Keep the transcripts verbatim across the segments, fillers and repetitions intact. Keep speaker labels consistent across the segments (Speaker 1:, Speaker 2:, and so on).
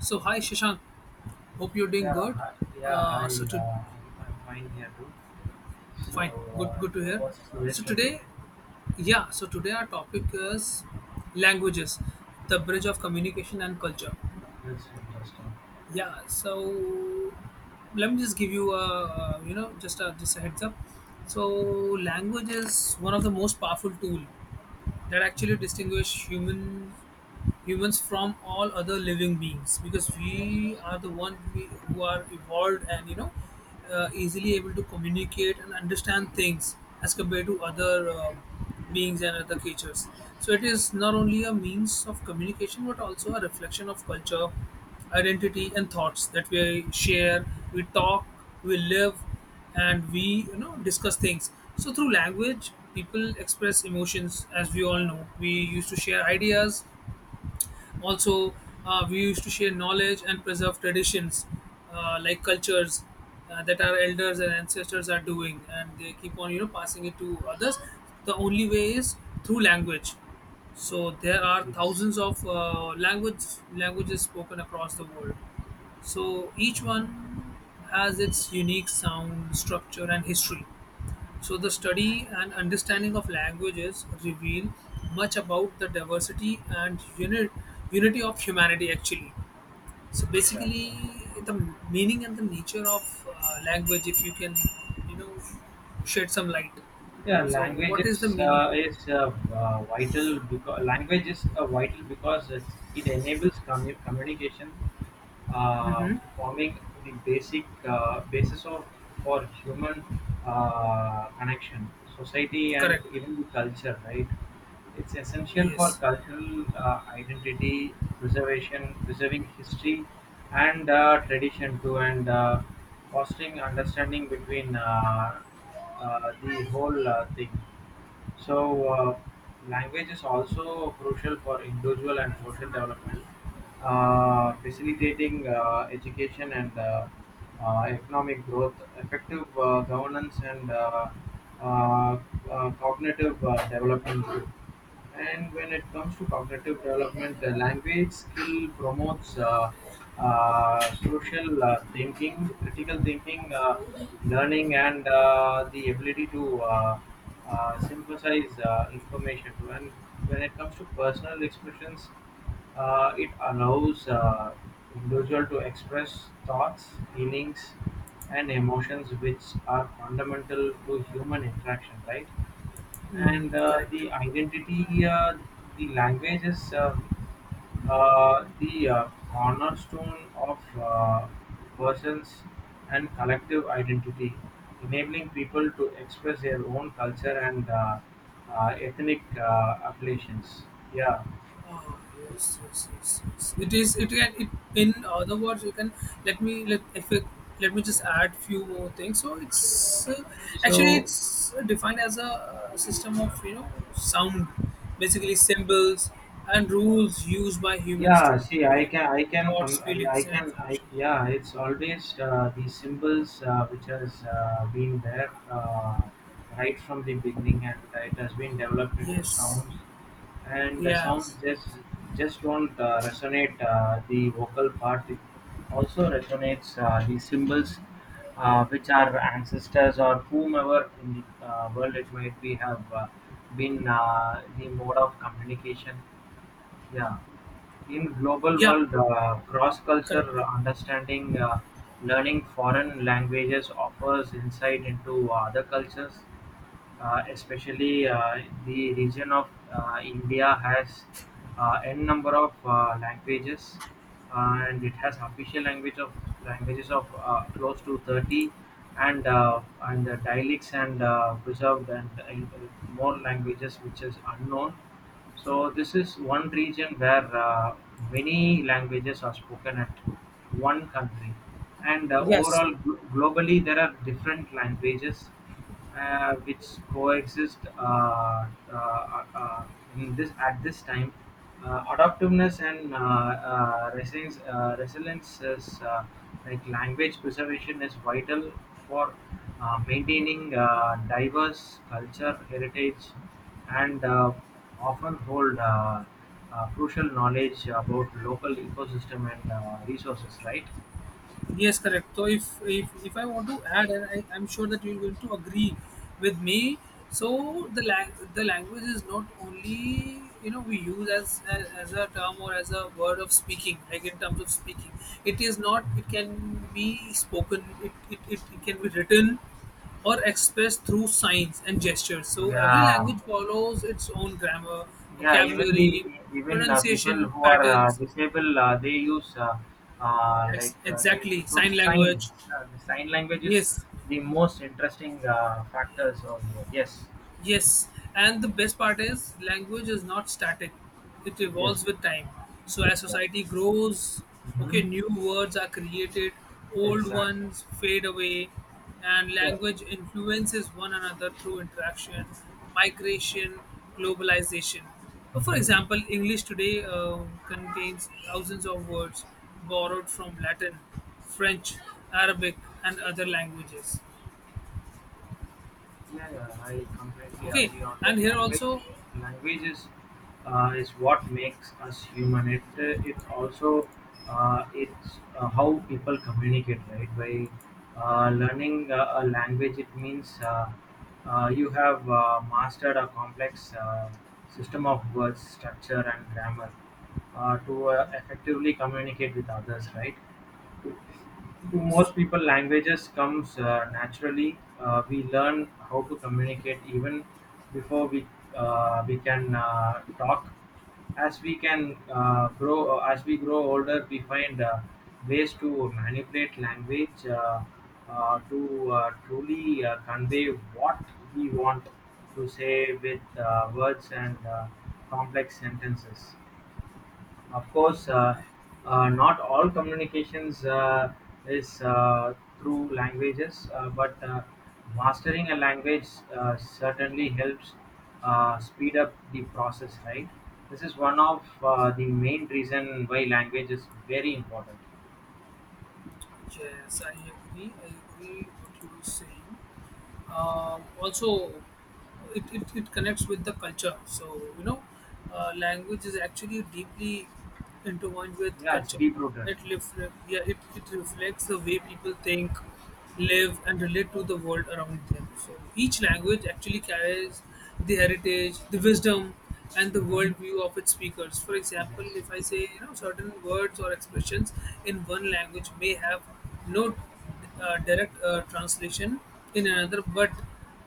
Speaker 1: So hi Shashank, hope you're doing
Speaker 2: Yeah,
Speaker 1: good.
Speaker 2: hi, yeah,
Speaker 1: Uh,
Speaker 2: hi.
Speaker 1: so to
Speaker 2: Uh, I'm fine here too. So,
Speaker 1: Fine, good,
Speaker 2: uh,
Speaker 1: good to
Speaker 2: wha-
Speaker 1: hear.
Speaker 2: what's the
Speaker 1: So
Speaker 2: rest of it?
Speaker 1: today, yeah, so today our topic is languages, the bridge of communication and culture.
Speaker 2: That's interesting.
Speaker 1: Yeah, so let me just give you a uh, you know just a just a heads up. So language is one of the most powerful tool that actually distinguish human humans from all other living beings, because
Speaker 2: Yes,
Speaker 1: we
Speaker 2: yes,
Speaker 1: are the one we, who are evolved and you know uh, easily able to communicate and understand things as compared to other um beings and other creatures. So it is not only a means of communication but also a reflection of culture, identity, and thoughts that we share, we talk, we live, and we you know discuss things. So through language people express emotions, as we all know, we used to share ideas, also, uh, we used to share knowledge and preserve traditions, uh, like cultures uh, that our elders and ancestors are doing, and they keep on you know passing it to others. The only way is through language. So there are
Speaker 2: yes.
Speaker 1: thousands of uh, language languages spoken across the world. So each
Speaker 2: Yeah,
Speaker 1: one has its unique sound, structure, and history. So the study and understanding of languages reveal much about the diversity and unit, unity of humanity actually. So
Speaker 2: exactly.
Speaker 1: basically the meaning and the nature of uh, language, if you can you know shed some light.
Speaker 2: Yeah,
Speaker 1: So
Speaker 2: language
Speaker 1: what
Speaker 2: is
Speaker 1: is the meaning?
Speaker 2: uh, is uh, uh, vital because language is uh, vital because it's, it enables commu- communication, uh, forming the basic uh, basis of for human uh, connection, society, and
Speaker 1: Correct.
Speaker 2: even the culture. Right, it's essential for
Speaker 1: Yes.
Speaker 2: cultural uh, identity preservation, preserving history and uh, tradition too, and uh, fostering understanding between uh, uh, the whole uh, thing. So, uh, language is also crucial for individual and social development, uh, facilitating uh, education and uh, uh, economic growth, effective uh, governance, and uh, uh, uh, cognitive uh, development too. And when it comes to cognitive development, the language skill promotes uh, uh, crucial uh, thinking, critical thinking, uh, learning, and uh, the ability to uh, uh, synthesize uh, information. And when it comes to personal expressions, uh, it allows uh, individual to express thoughts, feelings, and emotions, which are fundamental to human interaction. Right?
Speaker 1: Mm,
Speaker 2: And uh,
Speaker 1: correct.
Speaker 2: the identity, uh, the language is uh, uh, the uh, cornerstone of uh, person's and collective identity, enabling people to express their own culture and uh, uh, ethnic uh, affiliations. Yeah.
Speaker 1: Ah, yes, yes, yes, yes. It is. It can. It, in other words, you can let me let if it, let me just add few more things. So it's uh, actually
Speaker 2: So
Speaker 1: it's defined as a uh, system of you know sound, basically symbols and rules used by humans to
Speaker 2: yeah see i
Speaker 1: communicate
Speaker 2: can I can come
Speaker 1: thoughts,
Speaker 2: uh, yeah, I
Speaker 1: feelings, and
Speaker 2: can I
Speaker 1: information.
Speaker 2: yeah it's always uh, these symbols uh, which has uh, been there, uh, right from the beginning, and it has been developed into
Speaker 1: Yes.
Speaker 2: sounds, and the
Speaker 1: Yes.
Speaker 2: sounds just just don't uh, resonate uh, the vocal part. It also resonates uh, the symbols uh, which our ancestors or whomever in the uh, world it might be have uh, been uh, the mode of communication, yeah. In global
Speaker 1: Yeah.
Speaker 2: world, uh,
Speaker 1: Correct,
Speaker 2: cross-culture
Speaker 1: correct.
Speaker 2: understanding, uh, learning foreign languages offers insight into other cultures, uh, especially uh, the region of uh, India has uh, n number of uh, languages, uh, and it has official language of languages of uh, close to thirty, and uh, and the dialects and uh, preserved and uh, more languages which is unknown. So this is one region where uh, many languages are spoken at one country, and uh,
Speaker 1: Yes.
Speaker 2: overall glo- globally there are different languages uh, which coexist uh, uh, uh, in this at this time. Uh, adaptiveness and uh, uh, resilience, uh, resilience is uh, like language preservation is vital for uh, maintaining uh, diverse culture heritage, and uh, often hold uh, uh, crucial knowledge about local ecosystem and uh, resources. Right?
Speaker 1: Yes, correct. So if if, if I want to add, and I, I'm sure that you're going to agree with me. So the lang- the language is not only you know we use as, as as a term or as a word of speaking, like in terms of speaking. It is not. It can be spoken. It it, it, it can be written or expressed through signs and gestures. So every
Speaker 2: Yeah.
Speaker 1: language follows its own grammar,
Speaker 2: Yeah, even the
Speaker 1: vocabulary,
Speaker 2: even uh, people
Speaker 1: pronunciation
Speaker 2: who are uh,
Speaker 1: patterns.
Speaker 2: disabled, uh, they use uh, uh, like
Speaker 1: Ex-
Speaker 2: uh, they use to
Speaker 1: exactly,
Speaker 2: show
Speaker 1: sign
Speaker 2: signs.
Speaker 1: language.
Speaker 2: Uh, the sign language is
Speaker 1: Yes.
Speaker 2: the most interesting uh, factors over here. Yes.
Speaker 1: Yes, and the best part is language is not static. It
Speaker 2: Yes.
Speaker 1: evolves with time. So as
Speaker 2: Yeah.
Speaker 1: society grows, okay,
Speaker 2: Mm-hmm.
Speaker 1: new words are created, old
Speaker 2: Exactly.
Speaker 1: ones fade away, and
Speaker 2: Yeah.
Speaker 1: language influences one another through interaction, migration, globalization. Uh, For
Speaker 2: Mhm.
Speaker 1: example, English today uh, contains thousands of words borrowed from Latin, French, Arabic, and other languages.
Speaker 2: Yeah, yeah, I completely
Speaker 1: Okay,
Speaker 2: agree on
Speaker 1: and
Speaker 2: that.
Speaker 1: here
Speaker 2: Language,
Speaker 1: also,
Speaker 2: language is uh, is what makes us human. It uh, it also, uh, it's uh, how people communicate, right? By uh, learning uh, a language, it means uh, uh, you have uh, mastered a complex uh, system of words, structure, and grammar uh, to uh, effectively communicate with others, right? To
Speaker 1: yes.
Speaker 2: most people, languages comes uh, naturally. Uh, we learn how to communicate even before we uh, we can uh, talk. As we can uh, grow, uh, as we grow older, we find uh, ways to manipulate language uh, uh, to uh, truly uh, convey what we want to say with uh, words and uh, complex sentences. Of course, uh, uh, not all communications uh, is uh, through languages, uh, but uh, mastering a language uh, certainly helps uh, speed up the process. Right? This is one of uh, the main reason why language is very important.
Speaker 1: Yes, I agree. I agree what you were saying. Um, also, it, it, it connects with the culture. So, you know, uh, language is actually deeply intertwined with
Speaker 2: Yeah, it's
Speaker 1: culture.
Speaker 2: deep rooted.
Speaker 1: It, ref- yeah, it, it reflects the way people think, live, and relate to the world around them. So each language actually carries the heritage, the wisdom, and the
Speaker 2: Hmm.
Speaker 1: worldview of its speakers. For example,
Speaker 2: Yes.
Speaker 1: if I say you know certain words or expressions in one language may have no uh, direct uh, translation in another, but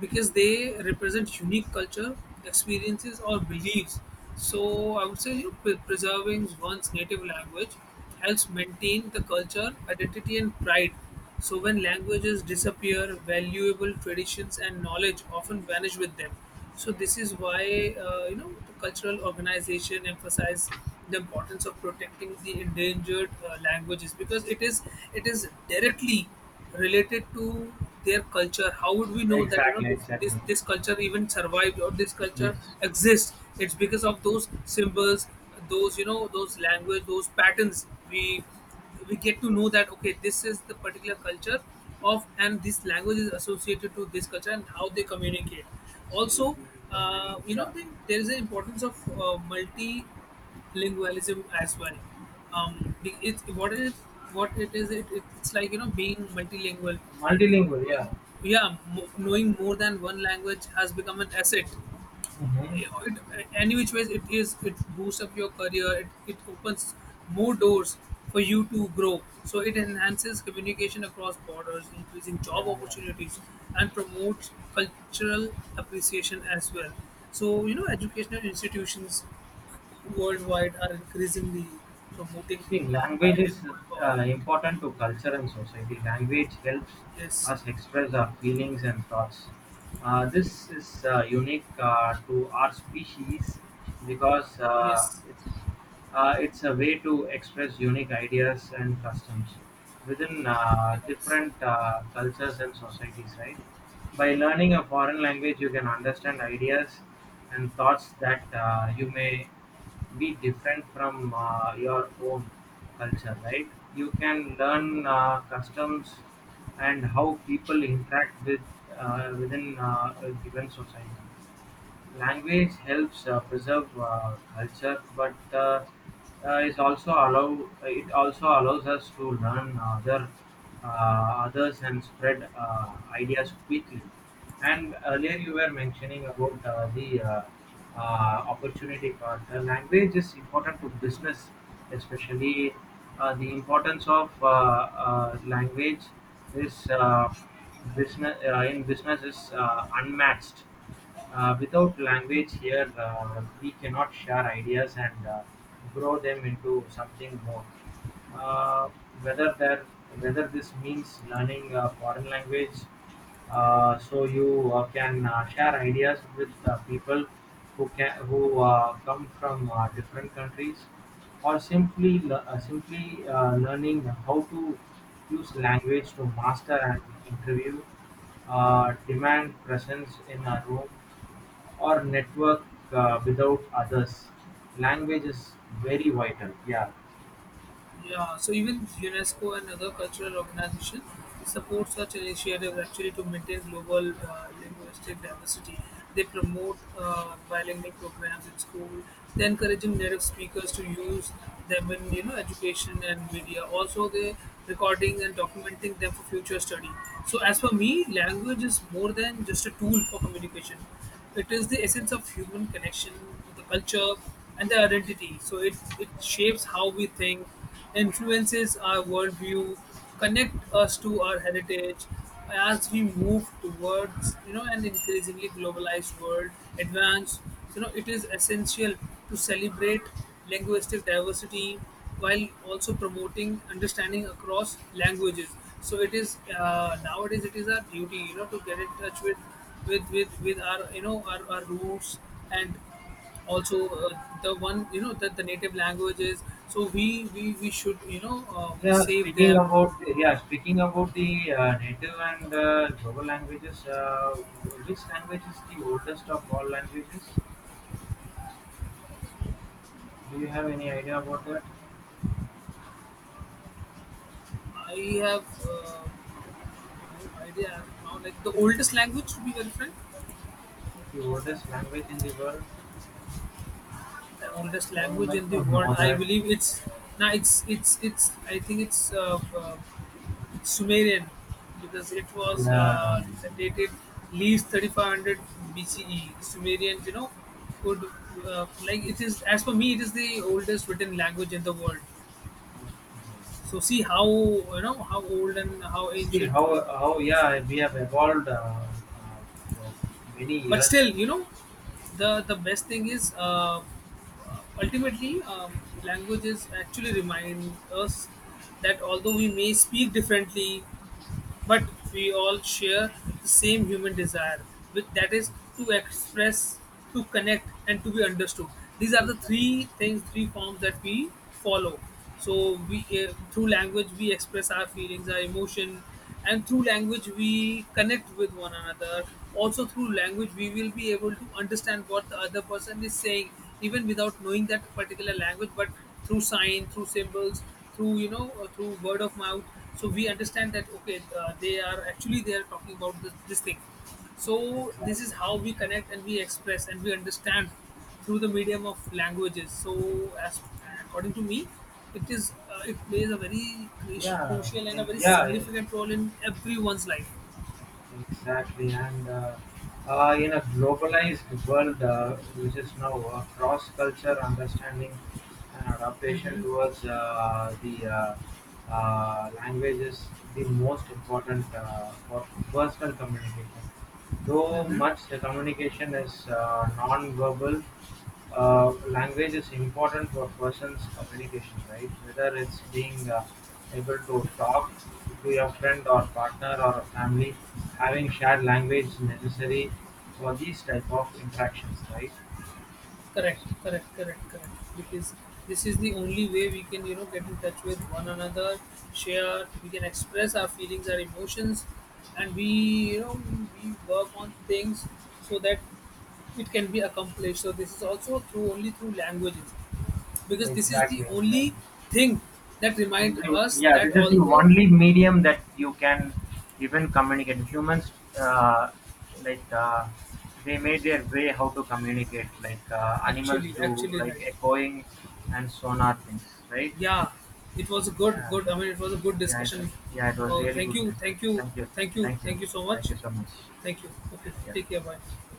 Speaker 1: because they represent unique culture, experiences, or beliefs. So I would say you know, pre- preserving one's native language helps maintain the culture, identity, and pride. So, when languages disappear, valuable traditions and knowledge often vanish with them. So this is why uh, you know the cultural organization emphasize the importance of protecting the endangered uh, languages, because it is it is directly related to their culture. How would we know that you know
Speaker 2: Exactly.
Speaker 1: this this,
Speaker 2: Exactly.
Speaker 1: this culture even survived, or this culture
Speaker 2: Yes.
Speaker 1: exists? It's because of those symbols, those you know those language, those patterns we we get to know that okay, this is the particular culture of, and this language is associated to this culture and how they communicate
Speaker 2: See, if
Speaker 1: also.
Speaker 2: we
Speaker 1: Uh,
Speaker 2: communicate—
Speaker 1: you know
Speaker 2: yeah.
Speaker 1: the, there is an importance of uh, multilingualism as well. Um, the, it, what it is, what it is it, it, it's like you know being multilingual. So
Speaker 2: Multilingual. Yeah.
Speaker 1: knowing, yeah, mo- knowing more than one language has become an asset.
Speaker 2: Hmm.
Speaker 1: it, any which ways it is, it boosts up your career, it, it opens more doors for you to grow. So it enhances communication across borders, increasing job
Speaker 2: Yeah. Yeah.
Speaker 1: opportunities, and promotes cultural appreciation as well. So you know educational institutions worldwide are increasingly promoting
Speaker 2: See,
Speaker 1: uh,
Speaker 2: language is
Speaker 1: bilingual
Speaker 2: uh,
Speaker 1: or
Speaker 2: important
Speaker 1: multilingual.
Speaker 2: to culture and society. Language helps
Speaker 1: Yes.
Speaker 2: us express our feelings and thoughts. Uh, this is uh, unique uh, to our species because uh,
Speaker 1: Yes.
Speaker 2: it's uh, it's a way to express unique ideas and customs within uh,
Speaker 1: Yes.
Speaker 2: different uh, cultures and societies. Right? By learning a foreign language, you can understand ideas and thoughts that uh, you may be different from uh, your own culture, right? You can learn uh, customs and how people interact with uh, within uh, a given society. Language helps uh, preserve uh, culture, but uh, uh, is also allow it also allows us to learn other uh, others and spread uh, ideas quickly. And earlier you were mentioning about uh, the uh, uh, opportunity part. Uh, language is important to business, especially uh, the importance of uh, uh, language is uh, business uh, in business is uh, unmatched. uh, Without language here, uh, we cannot share ideas and uh, grow them into something more. Uh, whether that Whether this means learning a foreign language, uh, so you uh, can uh, share ideas with uh, people who can who uh, come from uh, different countries, or simply le- uh, simply uh, learning how to use language to master an interview, uh, demand presence in a room or network uh, without others. Language is very vital. Yeah.
Speaker 1: Yeah, so even UNESCO and other cultural organizations support such initiatives actually to maintain global uh, linguistic diversity. They promote uh, bilingual programs in school. They encouraging native speakers to use them in you know education and media. Also, they recording and documenting them for future study. So, as for me, language is more than just a tool for communication. It is the essence of human connection, the culture, and the identity. So it, it shapes how we think, influences our worldview, connect us to our heritage as we move towards you know an increasingly globalized world, advanced. You know it is essential to celebrate linguistic diversity while also promoting understanding across languages. So it is uh, nowadays it is our duty you know to get in touch with with with, with our you know our, our roots, and also uh, the one you know that the native languages. So we we, we should you know uh,
Speaker 2: Yeah,
Speaker 1: save
Speaker 2: speaking
Speaker 1: them.
Speaker 2: about yeah, speaking about the uh, native and uh, global languages, uh, which language is the oldest of all languages? Do you have any idea about that?
Speaker 1: I have uh, no idea as of now, like the oldest language, to be very frank.
Speaker 2: The oldest language in the world?
Speaker 1: The oldest
Speaker 2: I would
Speaker 1: language in
Speaker 2: like
Speaker 1: the
Speaker 2: to
Speaker 1: world,
Speaker 2: know
Speaker 1: I
Speaker 2: that.
Speaker 1: believe it's now it's it's it's, I think it's uh, uh, Sumerian, because it was
Speaker 2: Yeah.
Speaker 1: uh, dated least thirty-five hundred BCE. The Sumerians, you know, could uh, like it is, as for me, it is the oldest written language in the world. So see how you know how old and how
Speaker 2: See
Speaker 1: ancient
Speaker 2: how
Speaker 1: uh,
Speaker 2: how yeah we have evolved, uh, uh, for many
Speaker 1: but
Speaker 2: years.
Speaker 1: still you know the the best thing is uh, ultimately, um, languages actually remind us that although we may speak differently, but we all share the same human desire, which that is to express, to connect, and to be understood. These are the
Speaker 2: Exactly.
Speaker 1: three things, three forms that we follow. So we uh, through language we express our feelings, our emotion, and through language we connect with one another. Also, through language we will be able to understand what the other person is saying, even without knowing that particular language. But through sign, through symbols, through you know, uh, through word of mouth, so we understand that okay, uh, they are actually they are talking about this, this thing. So this
Speaker 2: Exactly.
Speaker 1: is how we connect and we express and we understand through the medium of languages. So as according to me, it is uh, it plays a very cru-
Speaker 2: Yeah,
Speaker 1: crucial and a
Speaker 2: in,
Speaker 1: very
Speaker 2: yeah, e-
Speaker 1: significant role in everyone's life.
Speaker 2: exactly. And uh, uh, in a globalized world, uh, which is now uh, cross-culture understanding and adaptation towards uh, the uh, uh, language is the most important uh, for personal communication. Though much the communication is uh, non-verbal, uh, language is important for person's communication, right? Whether it's being uh, able to talk to your friend or partner or a family, having shared language is necessary for these type of interactions, right?
Speaker 1: Correct, correct, correct, correct. Because this is the only way we can, you know, get in touch with one another, share, we can express our feelings, our emotions, and we, you know, we work on things so that it can be accomplished. So this is also through only through languages, because this is the
Speaker 2: Exactly,
Speaker 1: only
Speaker 2: exactly.
Speaker 1: thing that remind
Speaker 2: The-
Speaker 1: us
Speaker 2: yeah,
Speaker 1: that
Speaker 2: this is the
Speaker 1: although,
Speaker 2: only medium that you can even communicate humans, uh, like uh, they made their way how to communicate, like uh, animals
Speaker 1: actually,
Speaker 2: do,
Speaker 1: actually
Speaker 2: like
Speaker 1: right.
Speaker 2: echoing and sonar things, right?
Speaker 1: Yeah, it was a good
Speaker 2: Yeah,
Speaker 1: good I mean it was a good
Speaker 2: yeah it,
Speaker 1: discussion.
Speaker 2: yeah it was
Speaker 1: Oh,
Speaker 2: really
Speaker 1: thank
Speaker 2: good
Speaker 1: you, thank
Speaker 2: discussion,
Speaker 1: you,
Speaker 2: thank you.
Speaker 1: thank you,
Speaker 2: Thank you,
Speaker 1: thank you so much,
Speaker 2: thank you so much.
Speaker 1: thank you, okay, take
Speaker 2: Yeah.
Speaker 1: care, bye.